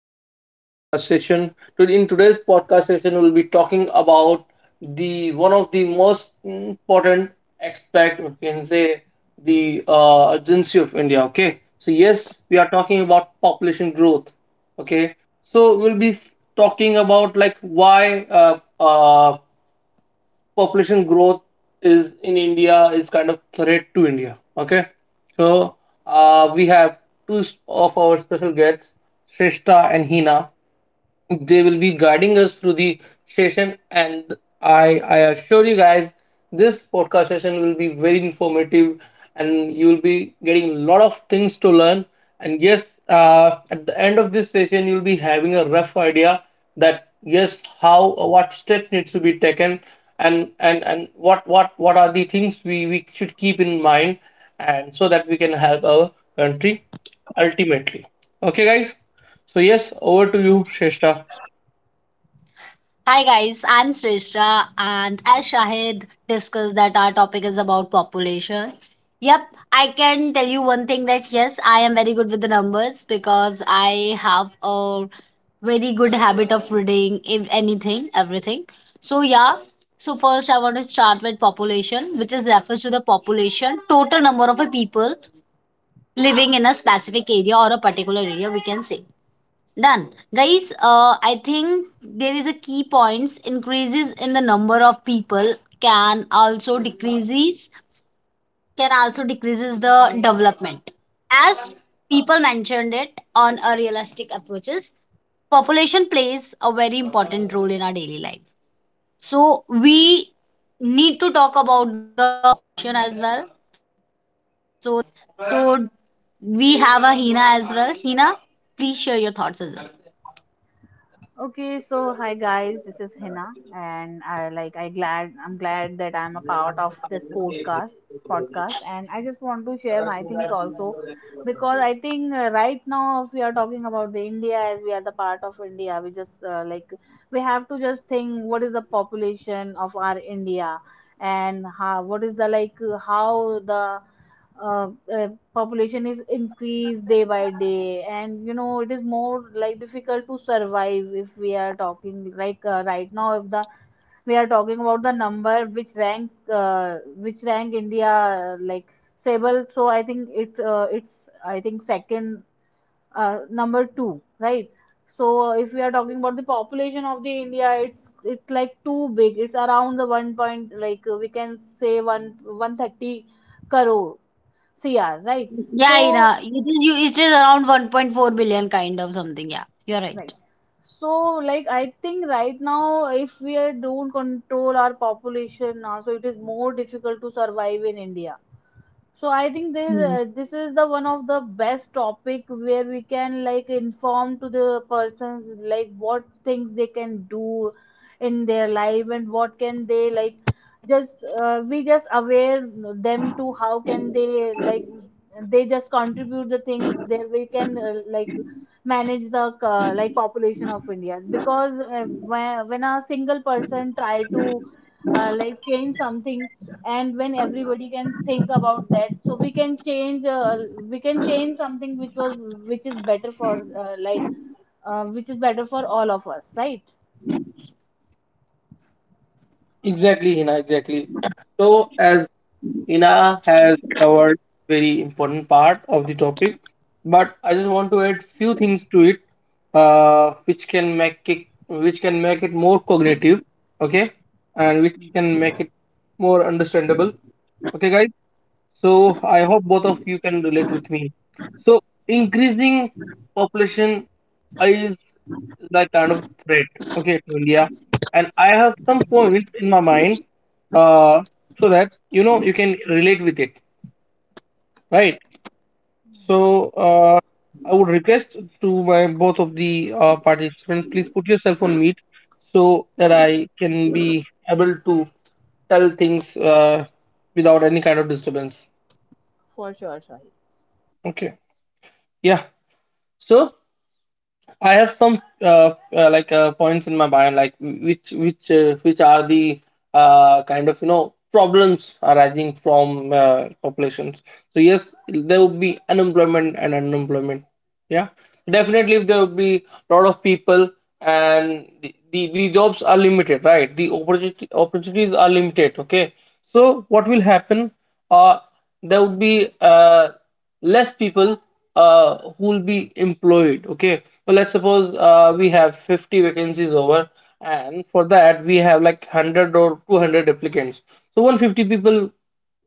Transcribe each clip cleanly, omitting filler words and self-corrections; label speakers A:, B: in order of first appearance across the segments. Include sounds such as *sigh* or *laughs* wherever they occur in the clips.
A: welcome to my podcast session. Today in today's podcast session we'll be talking about the one of the most important aspect or can say the urgency of India, okay? So yes, we are talking about population growth, okay? So we'll be talking about like why population growth is in India is kind of threat to India. Okay, so we have two of our special guests, Shrestha and Hina, they will be guiding us through the session, and I assure you guys this podcast session will be very informative and you will be getting a lot of things to learn. And yes, at the end of this session you'll be having a rough idea that yes, how what steps needs to be taken, and what are the things we should keep in mind, and so that we can help our country ultimately. Okay guys, so yes, over to you, Sheshta.
B: Hi guys, I'm Sreshta and as Shahid discussed, that our topic is about population. Yep, I can tell you one thing: that yes, I am very good with the numbers because I have a very good habit of reading if anything, everything. So yeah, so first I want to start with population, which is refers to the population, total number of a people living in a specific area or a particular area we can say. Done. Guys, I think there is a key points increases in the number of people can also decreases the development. As people mentioned it on a realistic approaches, population plays a very important role in our daily life. So we need to talk about the population as well. So that's it. Where so we have a Hina as well. Hina, please share your thoughts as well.
C: Okay, so hi guys, this is Hina, and I'm glad that I'm a part of this podcast, and I just want to share my things also because I think, right now, if we are talking about the India, as we are the part of India, we just, like, we have to just think what is the population of our India, and how, what is the, like, how the uh, uh, population is increased day by day, and you know it is more like difficult to survive. If we are talking, like, right now, if the we are talking about the number, which rank, which rank India, like, stable. So I think it's, it's I think second, number 2, right? So, if we are talking about the population of the India, it's like too big. It's around the 1 point, like, we can say 1 130 crore CR, right?
B: Yeah,
C: So,
B: yeah. It is around 1.4 billion kind of something. Yeah, you're right.
C: right. So, like, I think right now, if we don't control our population, so it is more difficult to survive in India. So I think this
B: Hmm.
C: uh, this is the one of the best topic where we can like inform to the persons like what things they can do in their life, and what can they like just, we just aware them to how can they like, they just contribute the things. There we can, like, manage the, like population of India, because, when a single person try to, like change something, and when everybody can think about that, so we can change, we can change something which was, which is better for, like, which is better for all of us, right?
A: Exactly, Hina, exactly. *clears throat* So, as Hina has covered very important part of the topic, but I just want to add few things to it, which can make it more cognitive, okay, and which
C: Mm.
A: can make it more understandable. Okay, guys. So I hope both of you can relate with me. So increasing population is that kind of threat, okay, to India. And I have some points in my mind, uh, so that you know you can relate with it, right? So, I would request to my both of the participants, please put yourself on mute so that I can be able to tell things without any kind of disturbance.
C: For sure, sure.
A: Okay. Yeah. So I have some like points in my mind, like which are the kind of you know problems arising from populations. So yes, there would be unemployment and unemployment. Yeah, definitely if there would be a lot of people and the jobs are limited, right? The opportunity opportunities are limited. Okay, so what will happen? Uh, there would be less people who will be employed. Okay, so let's suppose we have 50 vacancies over, and for that we have like 100 or 200 applicants. So 150 people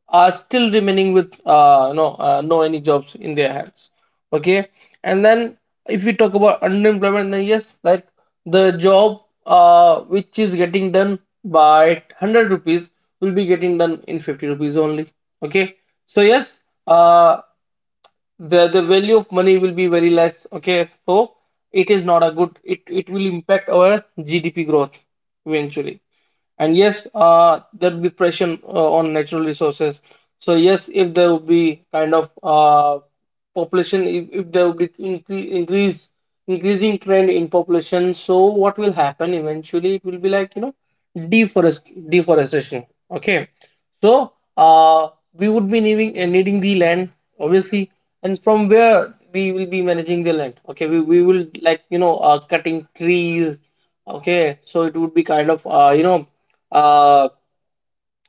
A: are still remaining with no no any jobs in their hands. Okay, and then if we talk about unemployment, then yes, like the job which is getting done by 100 rupees will be getting done in 50 rupees only. Okay, so yes, uh, the value of money will be very less. Okay, so it is not a good, it will impact our GDP growth eventually. And yes, there will be pressure on natural resources. So yes, if there will be kind of population, if there will be incre- increase increasing trend in population, so what will happen eventually, it will be like you know deforestation. Okay, so we would be needing the land, obviously, and from where we will be managing the land. Okay, we will like you know cutting trees. Okay, so it would be kind of you know uh,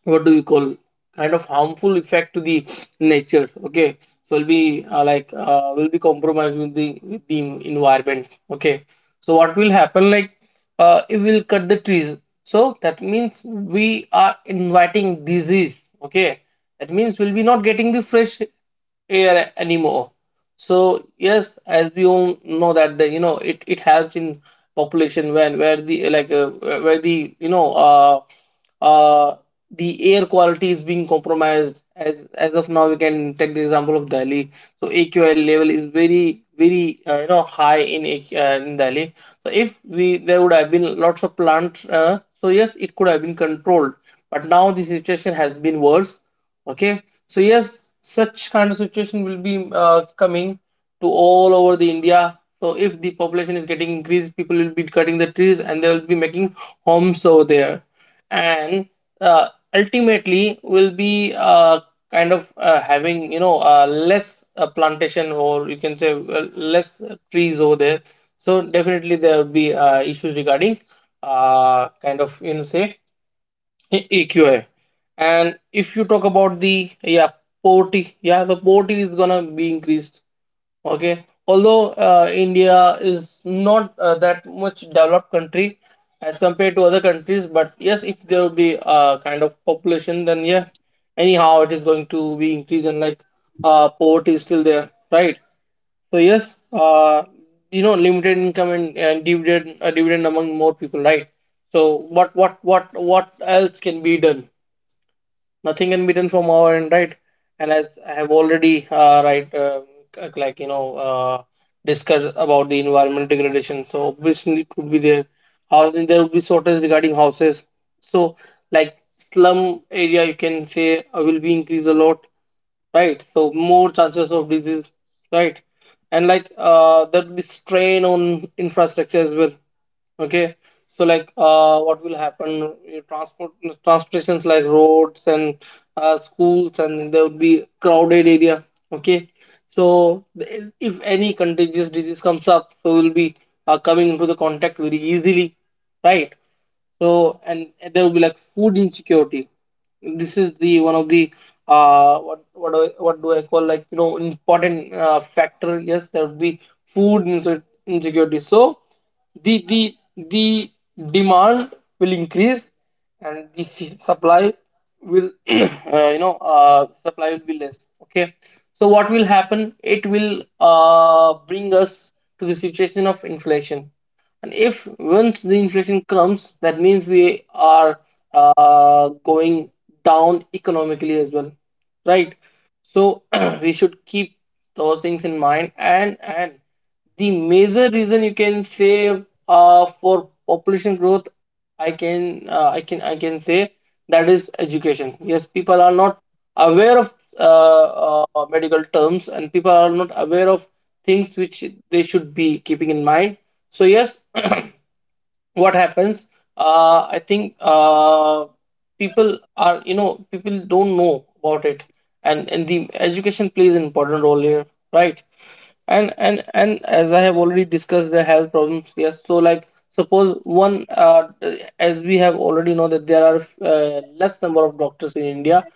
A: what do you call, kind of harmful effect to the nature. Okay, so will be like will be compromised with the environment. Okay, so what will happen, like if we'll cut the trees, so that means we are inviting disease. Okay, that means we'll be not getting the fresh air anymore. So yes, as we all know that the you know it helps in population when where the like where the you know uh the air quality is being compromised. As of now, we can take the example of Delhi. So AQL level is very very, you know, high in AQ in Delhi. So if we there would have been lots of plants, so yes, it could have been controlled, but now the situation has been worse. Okay, so yes, such kind of situation will be coming to all over the India. So if the population is getting increased, people will be cutting the trees and they will be making homes over there, and, uh, ultimately we'll be kind of having, you know, less plantation, or you can say less trees over there. So definitely there will be issues regarding kind of, you know, say eqi. And if you talk about the, yeah, poverty, yeah, the poverty is gonna be increased. Okay, although, India is not that much developed country as compared to other countries, but yes, if there will be a kind of population, then yeah, anyhow it is going to be increase, and like, poverty is still there, right? So yes, you know, limited income, and dividend, dividend among more people, right? So what else can be done? Nothing can be done from our end, right? And as I have already, right, like you know, discussed about the environment degradation, so obviously it would be there. Housing, there would be shortage regarding houses, so like slum area, you can say, will be increased a lot, right? So more chances of disease, right? And like there'll be strain on infrastructure as well. Okay, so like what will happen, transportations, like roads and schools, and there would be crowded area. Okay, so if any contagious disease comes up, so will be coming into the contact very easily, right? So, and there will be like food insecurity. This is the one of the what do I call, like you know, important factor. Yes, there will be food insecurity. So the demand will increase, and the *laughs* supply will *clears throat* you know, supply will be less. Okay, so what will happen, it will bring us to the situation of inflation, and if once the inflation comes, that means we are going down economically as well, right? So *clears throat* we should keep those things in mind, and the major reason you can say for population growth, I can, I can say, that is education. Yes, people are not aware of medical terms, and people are not aware of things which they should be keeping in mind. So yes, *clears throat* what happens? I think people don't know about it, and the education plays an important role here, right? And as I have already discussed the health problems, yes, so like suppose one as we have already know that there are less number of doctors in India.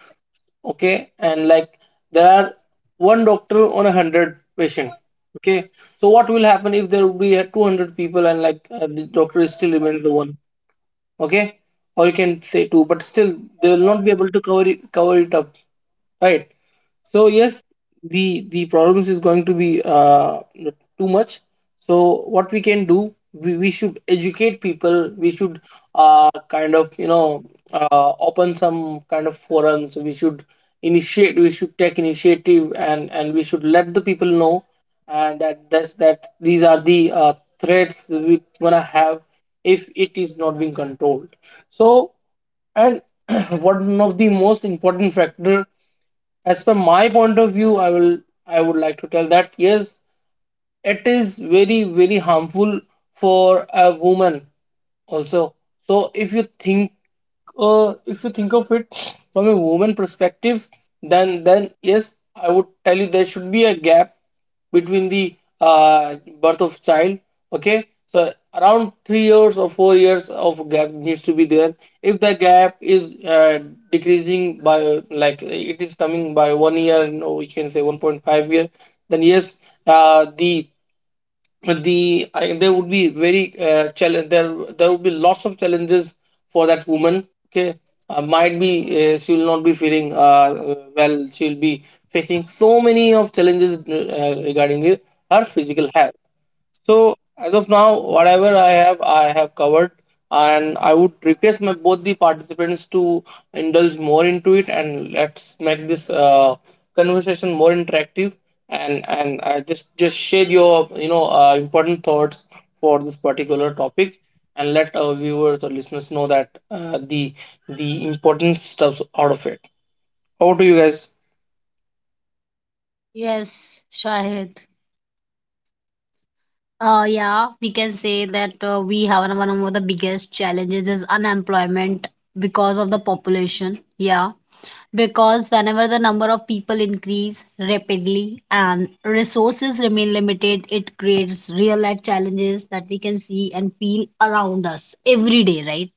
A: Okay, and like there are one doctor on 100 patient. Okay, so what will happen if there will be 200 people, and like the doctor is still remains the one, okay, or you can say two, but still they will not be able to cover it up, right? So yes, the problems is going to be too much. So what we can do, we should educate people, we should kind of you know open some kind of forums, we should initiate, we should take initiative, and we should let the people know, and that these are the threats we gonna have if it is not being controlled. So, and *clears throat* one of the most important factor, as per my point of view, I would like to tell that yes, it is very very harmful for a woman also. So if you think of it from a woman perspective, then yes, I would tell you there should be a gap between the uh, birth of child. Okay, so around 3 years or 4 years of gap needs to be there. If the gap is decreasing by, like it is coming by 1 year, no, we can say 1.5 year, then yes, uh, the there would be very challenge, there would be lots of challenges for that woman. Okay, might be, she will not be feeling, well, she will be facing so many of challenges regarding her physical health. So as of now, whatever I have covered, and I would request my both the participants to indulge more into it, and let's make this conversation more interactive, and just share your you know important thoughts for this particular topic, and let our viewers or listeners know that, the important stuffs out of it. Over to you guys.
B: Yes, Shahid. Yeah, we can say that we have one of the biggest challenges is unemployment because of the population. Yeah, because whenever the number of people increase rapidly and resources remain limited, it creates real life challenges that we can see and feel around us every day, right?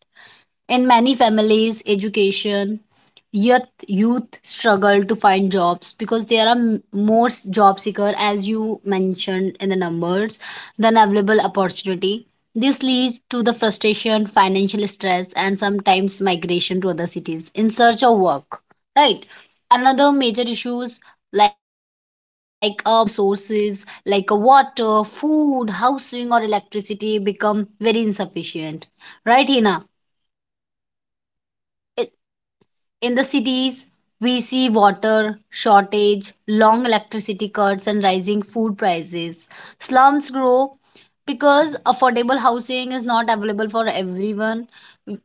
B: In many families, education, youth, youth struggle to find jobs because there are more job seeker as you mentioned in the numbers than available opportunity. This leads to the frustration, financial stress, and sometimes migration to other cities in search of work. Right. Another major issues like pressure on resources like water, food, housing, or electricity become very insufficient. Right, Hina? In the cities, we see water shortage, long electricity cuts, and rising food prices. Slums grow because affordable housing is not available for everyone.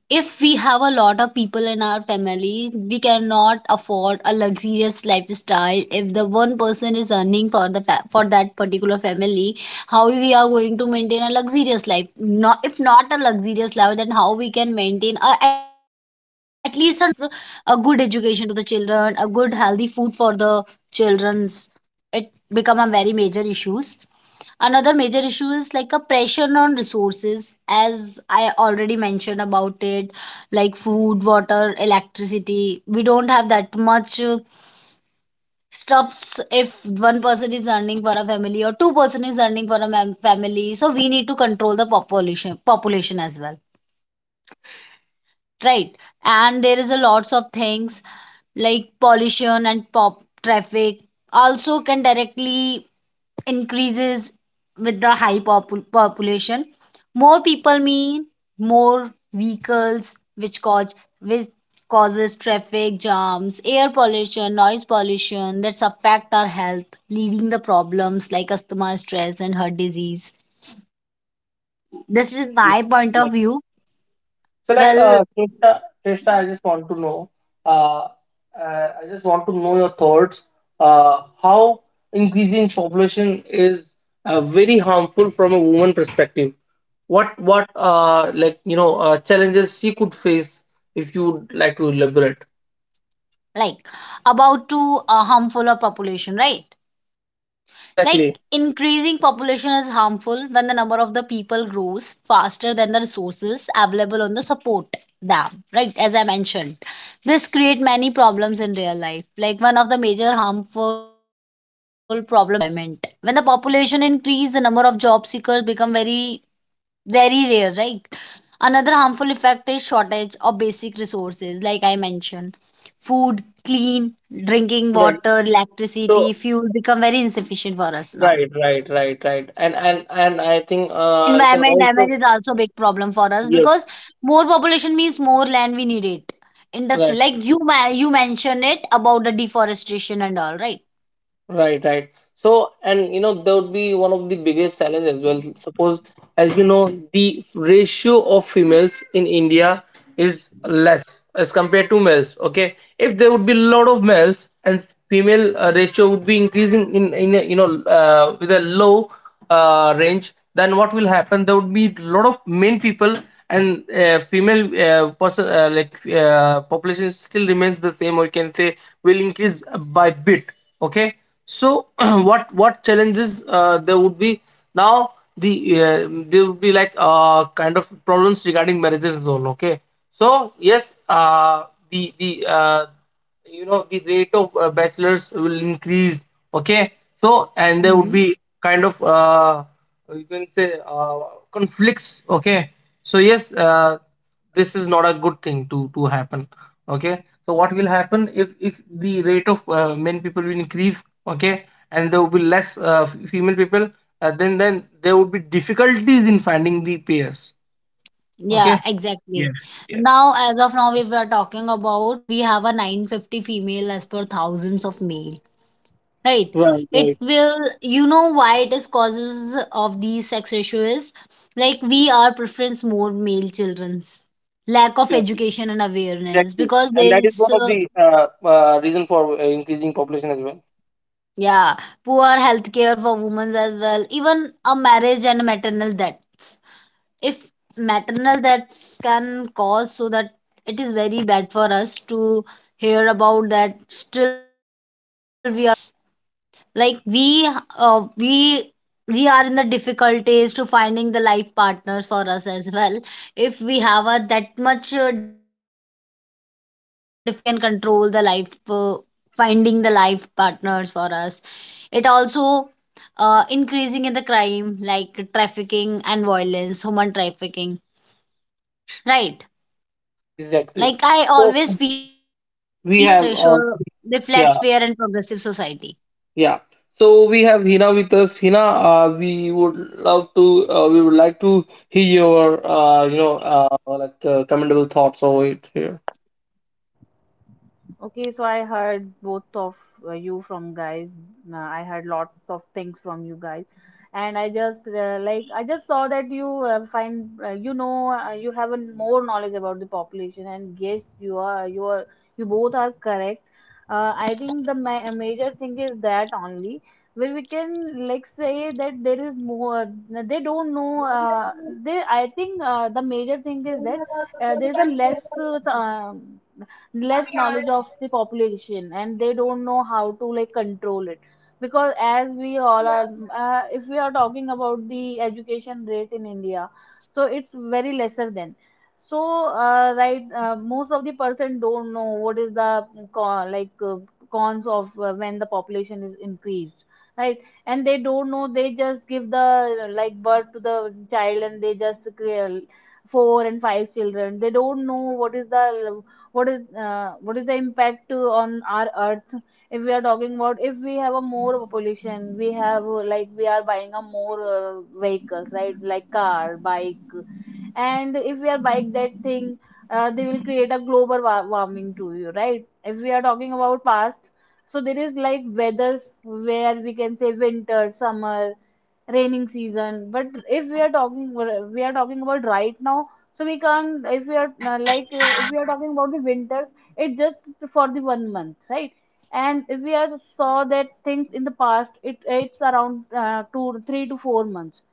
B: If we have a lot of people in our family, we cannot afford a luxurious lifestyle if the one person is earning for for that particular family, how we are going to maintain a luxurious life, not if not a luxurious life, then how we can maintain a, at least a normal life, a good education to the children, a good healthy food for the children's. It become a very major issues. Another major issue is like a pressure on resources as I already mentioned about it, like food, water, electricity. We don't have that much stops if one person is earning for a family or two person is earning for a mam family, so we need to control the population as well, right? And there is a lots of things like pollution and pop traffic also can directly increases with the high population. More people mean more vehicles which causes traffic jams, air pollution, noise pollution, that's affect our health, leading the problems like asthma, stress, and heart disease. This is
A: Exactly,
B: my point of
A: Exactly.
B: view.
A: So, like,
B: Well,
A: Krishna, I just want to know. uh, I just want to know your thoughts. How increasing population is very harmful from a woman perspective? What like, challenges she could face, if you would like to elaborate?
B: like about to harmful a population, right? Like
A: Exactly.
B: increasing population is harmful when the number of the people grows faster than the resources available on the support them, right? As I mentioned, this create many problems in real life. Like one of the major harmful problem is unemployment. When the population increase, the number of job seekers become very rare, right? Another harmful effect is shortage of basic resources, like I mentioned. Food, clean, drinking
A: Right.
B: water,
A: So,
B: electricity, fuel become very insufficient for us now.
A: right, right, right, right, and
B: In
A: I think
B: fact,
A: you
B: environment
A: can
B: damage is
A: also.
B: also a big problem for us
A: Yes.
B: because more population means more land we need it.
A: right
B: Industry, like you mentioned it about the deforestation and all, right?
A: right, right. So, and you know that would be one of the biggest challenge as well, suppose, as you know, the ratio of females in India is less as compared to males. Okay, if there would be a lot of males and female ratio would be increasing in a, you know, with a low range, then what will happen? There would be a lot of men people, and female person like, population still remains the same, or you can say will increase by bit. Okay. So *clears throat* what challenges there would be now? The there would be, like, kind of problems regarding marriages and all. Okay, so yes, the you know the rate of bachelors will increase. Okay, so, and there would be kind of you can say conflicts. Okay, so yes, this is not a good thing to happen. Okay, so what will happen if the rate of men people will increase? Okay, and there will be less female people. Then there would be difficulties in finding the pairs.
B: Yeah,
A: Okay. Yes.
B: exactly.
A: Yeah.
B: Now, as of now, we were talking about we have a 950 female as per thousands of male, right?
A: Right,
B: It
A: right.
B: will, you know, why it is causes of these sex ratio is like we are preference more male children's, lack of
A: Exactly,
B: education and awareness,
A: exactly,
B: because
A: and
B: there
A: that is
B: is
A: one of the reason for increasing population as well.
B: yeah, poor healthcare for women as well, even a marriage and maternal death. If maternal deaths can cause so that, it is very bad for us to hear about that still we are facing about this. Like uh, we we are in the difficulties to finding the life partners for us as well. If we have a that much difference in our sex ratio, then how we can control the life finding the life partners for us? It also increasing in the crime like trafficking and violence, human trafficking, right?
A: Exactly, exactly.
B: Like I
A: So
B: always feel a healthy
A: we
B: sex
A: have,
B: ratio
A: yeah,
B: reflects fair and progressive society.
A: yeah. So we have Hina with us. Hina, we would love to, we would like to hear your, like, commendable thoughts over it here.
C: Okay, so I heard both of, you from guys. I heard lots of things from you guys, and I just, like, I just saw that you, find, you know, you have a more knowledge about the population, and yes, you are you are you both are correct. I think the major thing is that only, where we can like say that there is more, they don't know, they, I think, the major thing is that, there is a less, less knowledge of the population, and they don't know how to like control it, because as we all are, if we are talking about the education rate in India, so it's very lesser than. So, right, most of the person don't know what is the con, like, cons of, when the population is increased, right? And they don't know, they just give the like birth to the child, and they just four and five children. They don't know what is the, what is the impact to, on our earth. If we are talking about, if we have a more population, we have, like, we are buying a more, vehicles, right? Like car, bike. And if we are buying that thing, they will create a global warming to you, right? If we are talking about past, so there is like weathers, where we can say winter, summer, raining season. But if we are talking, we are talking about right now, so we can't, if we are, if we are talking about the winters, it just for the 1 month, right? And if we are saw that things in the past, it's around, 2, 3 to 4 months.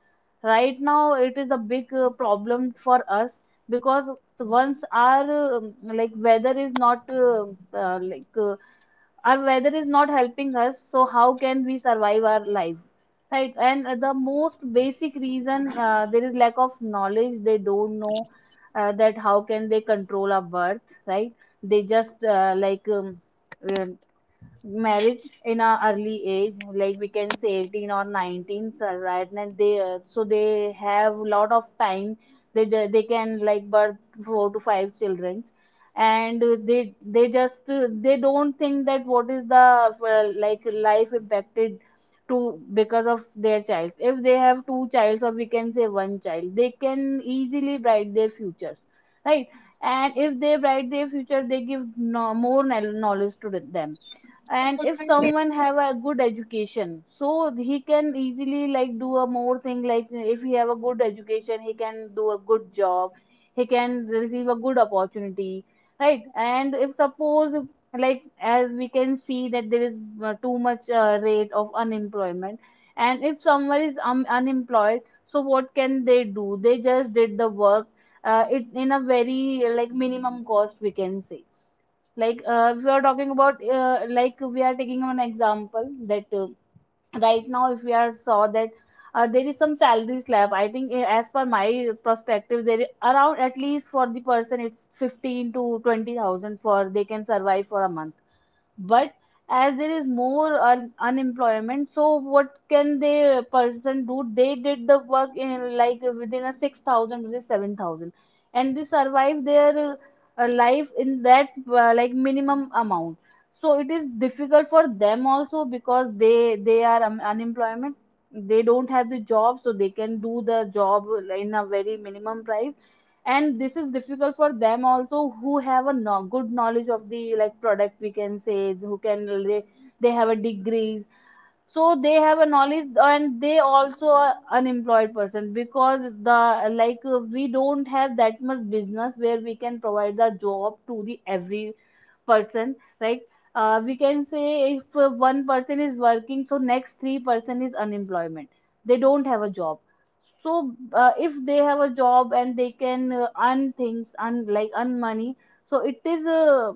C: Right now it is a big, problem for us, because once our, like weather is not, uh, like uh, our weather is not helping us, so how can we survive our life? Right, and, the most basic reason, there is lack of knowledge. They don't know, that how can they control a birth, right? They just, uh, marriage in a early age, like we can say 18 or 19, so, right? And they, so they have lot of time. They can like birth four to five children, and, they don't think that what is the, like life impacted to, because of their child. If they have two childs, or we can say one child, they can easily bright their futures, right? And if they bright their future, they give no, more knowledge to them. And if someone have a good education, so he can easily like do a more thing, like if he have a good education, he can do a good job, he can receive a good opportunity, right? And if suppose, like, as we can see that there is, too much, rate of unemployment. And if someone is, unemployed, so what can they do? They just did the work, it in a very, like minimum cost, we can say. Like, if you are talking about, like we are taking an example that, right now, if we are saw that, there is some salary slab. I think, as per my perspective, there is around, at least for the person, it's 15 to 20,000 for they can survive for a month. But as there is more unemployment, so what can the person do? They did the work in like within a 6,000 to the 7,000, and they survive their, life in that, like minimum amount. So it is difficult for them also, because they are, unemployment, they don't have the job, so they can do the job in a very minimum price. And this is difficult for them also, who have a good knowledge of the like product, we can say. Who can they have a degrees, so they have a knowledge, and they also are unemployed person, because the like, we don't have that much business where we can provide the job to the every person, right? We can say if, one person is working, so next three person is unemployment, they don't have a job. So, if they have a job and they can, earn things, earn like earn money, so it is,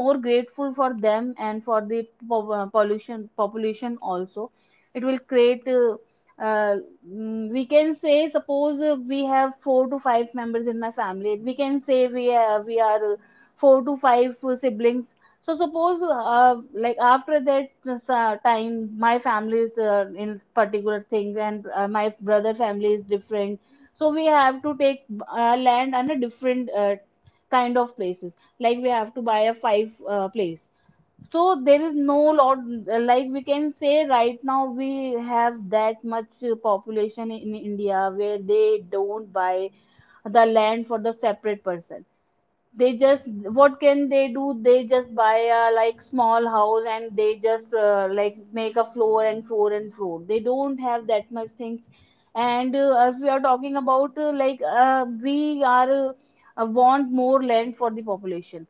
C: more grateful for them, and for the pollution population also. It will create, uh, we can say, suppose, we have four to five members in my family, we can say, we have, we are four to five, siblings. So suppose, like, after that, time my family is, in particular things, and, my brother family is different. So we have to take, land on a different, kind of places. Like we have to buy a five, place. So there is no lot. Like we can say right now we have that much, population in India, where they don't buy the land for the separate person. They just, what can they do? They just buy a like small house, and they just, like, make a floor and floor and floor. They don't have that much things. And, as we are talking about, we are, want more land for the population.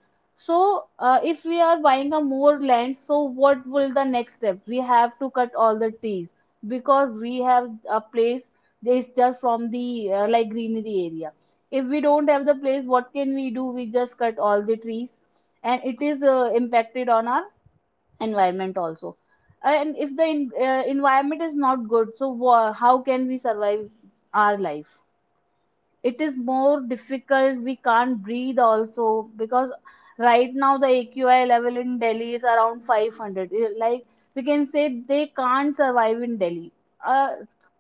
C: So, if we are buying a more land, so what will the next step? We have to cut all the trees, because we have a place, that is just from the, like greenery area. If we don't have the place, what can we do? We just cut all the trees, and it is, impacted on our environment also. And if the, environment is not good, so wha how can we survive our life? It is more difficult. We can't breathe also, because right now the AQI level in Delhi is around 500. Eh, like we can say they can't survive in Delhi. uh,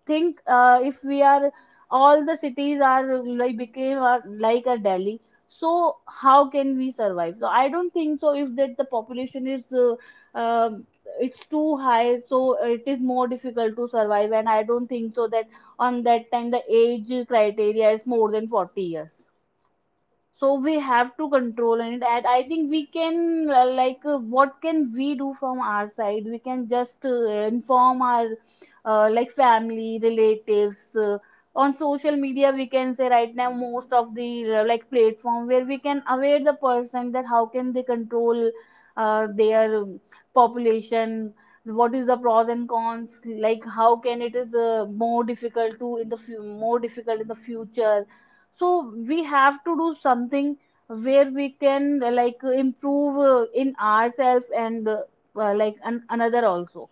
C: think, if we are, all the cities are like became a, like a Delhi. So how can we survive? So I don't think so, if that the population is, um it's too high, so it is more difficult to survive. And I don't think so that on that time, the age criteria is more than 40 years. So we have to control it. And I think we can, what can we do from our side? We can just, inform our, like family, relatives, on social media. We can say, right now most of the, like platform, where we can aware the person, that how can they control, their, population. What is the pros and cons, like how can it is, more difficult to, in the more difficult in the future. So we have to do something where we can, improve, in ourselves. And, like another also.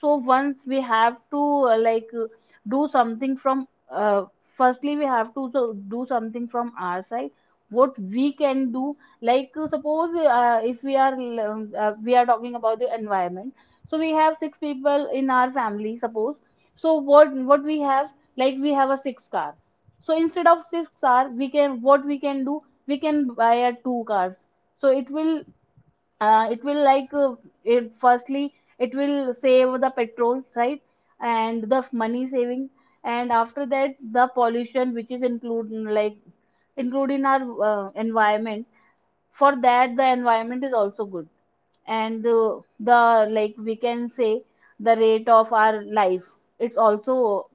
C: So once we have to, do something from, firstly we have to do something from our side. What we can do, like, suppose, if we are, we are talking about the environment. So we have six people in our family, suppose. So what we have, like we have a six car. So instead of six car, we can, what we can do, we can buy a two cars. So it will, it will like, it firstly it will save the petrol, right? And the money saving. And after that, the pollution which is include, like include in our, environment. For that, the environment is also good. And the, like we can say, the rate of our life, it's also,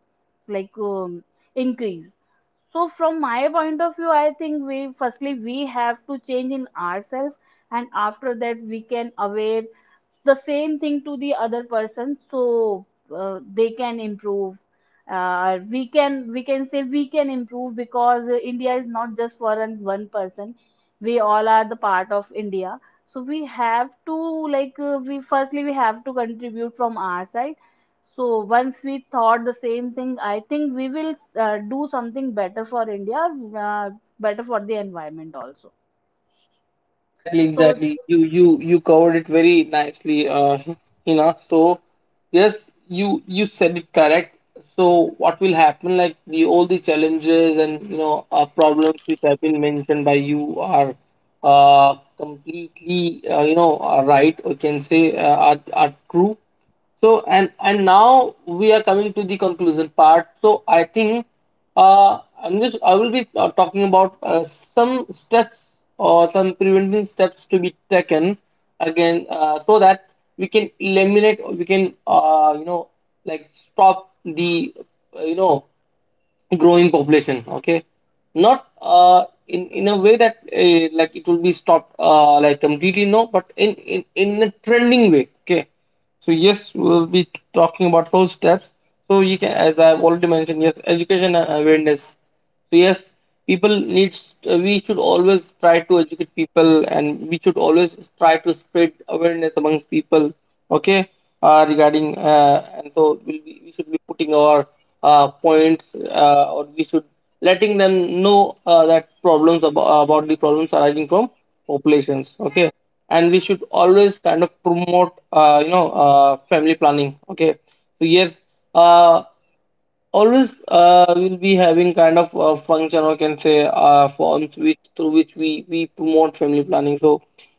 C: like, increase. So from my point of view, I think we firstly we have to change in ourselves, and after that we can aware the same thing to the other person, so, they can improve. We can, we can say we can improve, because, India is not just for one person. We all are the part of India. So we have to, like, we firstly we have to contribute from our side. So once we thought the same thing, I think we will, do something better for India, uh, better for the environment also.
A: Exactly,
C: So,
A: exactly. You covered it very nicely, Hina. So yes, you said it correct. So what will happen? Like, the all the challenges and, problems which have been mentioned by you are completely, are right. We can say are true. So, and now we are coming to the conclusion part. So I think I will be talking about some steps or some preventing steps to be taken again, so that we can eliminate, we can, like, stop the uh, you know growing population. Okay, not in a way that like it will be stopped like completely, no, but in a trending way. Okay, so yes, we'll be talking about those steps. So you can, as I've already mentioned, yes, education and awareness. So yes, people needs we should always try to educate people, and we should always try to spread awareness amongst people. Okay, regarding and so we'll be, we should be putting our points, or we should letting them know that problems about the problems arising from populations. Okay, and we should always kind of promote family planning. Okay, so yes. Uh, Always we'll be having kind of a function, or can say forms which through which we promote family planning. So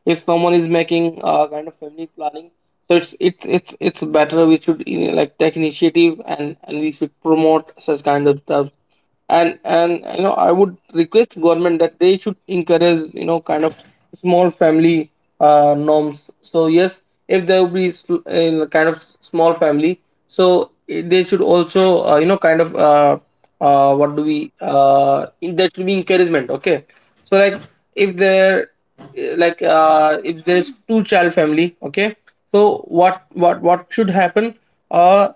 A: if someone is making kind of family planning, so it's better we should, like, take initiative, and we should promote such kind of stuff. And I would request government that they should encourage, kind of small family norms. So yes, if there will be kind of small family, so they should also kind of what do we in- there should be encouragement. Okay, so like, if there if there's two child family. Okay, so what should happen? uh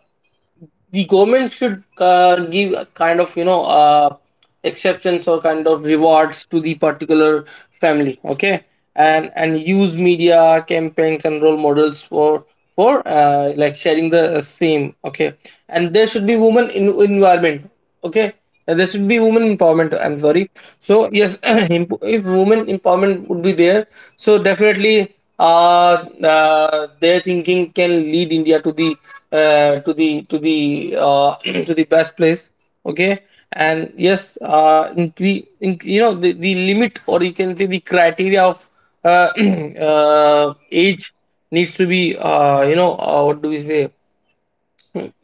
A: the government should give a kind of, exceptions or kind of rewards to the particular family. Okay, and use media campaigns and role models for like sharing the same. Okay, and there should be women in environment. Okay, there should be women empowerment. I'm sorry. So yes, *clears throat* if women empowerment would be there, so definitely, their thinking can lead India to the uh, to the to the uh, *clears throat* to the best place. Okay, and yes, incre- in, you know the limit, or you can say the criteria of uh, *clears throat* age needs to be what do we say,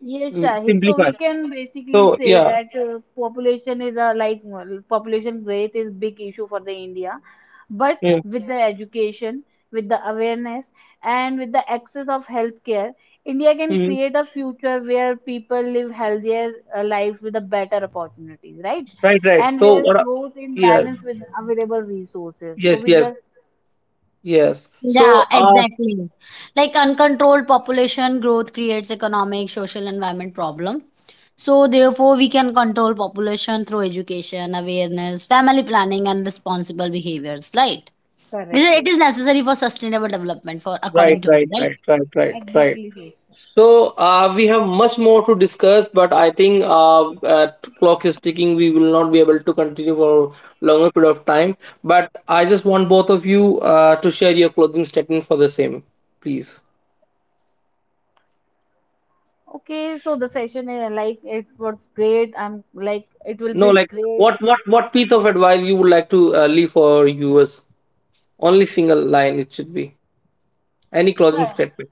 C: yes, Shahid. So we
A: simplified.
C: can basically
A: So
C: say
A: yeah,
C: that, population is a like, well, population growth is big issue for the India. But
A: yeah.
C: with the education, with the awareness, and with the access of healthcare, India can
A: Mm-hmm.
C: create a future where people live healthier, life with a better opportunities, right?
A: Right, right.
C: And
A: So
C: where
A: what?
C: growth in
A: Yes,
C: balance with available resources. So
A: yes,
C: we
A: yes,
C: just
A: yes.
B: Yeah,
A: So,
B: exactly. Like uncontrolled population growth creates economic, social environment problem. So therefore we can control population through education, awareness, family planning, and responsible behaviors, right? Because
C: correct
B: it
C: it.
B: is necessary for sustainable development for
A: right,
B: according
C: Ex-
B: to me,
A: right,
B: right?
A: right, right, right, right.
C: Exactly.
A: So we have much more to discuss, but I think, clock is ticking. We will not be able to continue for a longer period of time. But I just want both of you, to share your closing statement for the same, please.
C: Okay, so the session is like it was great. I'm like it will
A: No,
C: be
A: like,
C: great.
A: what piece of advice you would like to leave for our viewers? Only single line it should be. Any
C: So,
A: closing statement.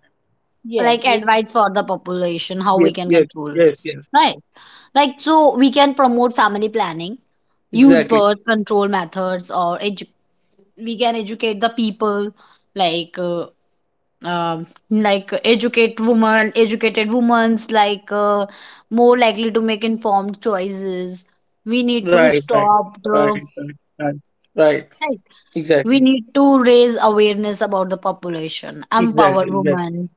C: yes,
B: Like
C: we.
B: advice for the population, how we
A: Yes,
B: can
A: yes,
B: control
A: yes,
B: this.
A: yes.
B: Right. Like so we can promote family planning, use
A: Exactly.
B: birth control methods, or we can educate the people, like uh, um, like educate women, educated women's like more likely to make informed choices. We need to
A: Right, right,
B: stop
A: right,
B: the
A: right, right, right.
B: right.
A: Exactly.
B: We need to raise awareness about the population,
A: Exactly,
B: empower
A: exactly,
B: women,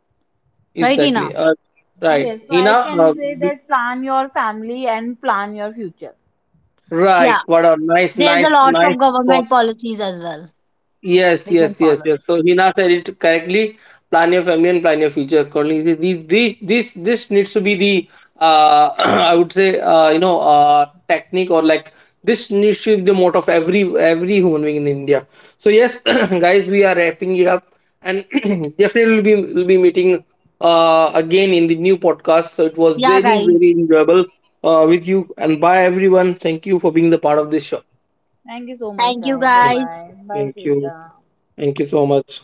B: right, Ina?
A: exactly. Right.
C: Yes, so I
A: Hina,
C: can say
A: b-
C: that plan your family and plan your future.
B: Yeah,
A: right. What a nice,
B: there's a
A: nice,
B: lot
A: nice.
B: of government policies as well,
A: Yes,
B: we can
A: yes, yes,
B: follow
A: yes.
B: it.
A: So Hina said it correctly. Plan your family and plan your future accordingly. This needs to be the, *clears throat* I would say, technique, or like this needs to be the motto of every human being in India. So yes, *clears throat* guys, we are wrapping it up, and *clears throat* definitely we'll be meeting again in the new podcast. So it was
B: Yeah
A: very very
B: guys,
A: enjoyable with you, and bye, everyone. Thank you for being the part of this show.
C: Thank you so much,
B: thank you
C: Shahid. Bye
A: Thank
B: guys.
C: bye. Bye,
A: thank you,
C: Shishta.
A: thank you so much.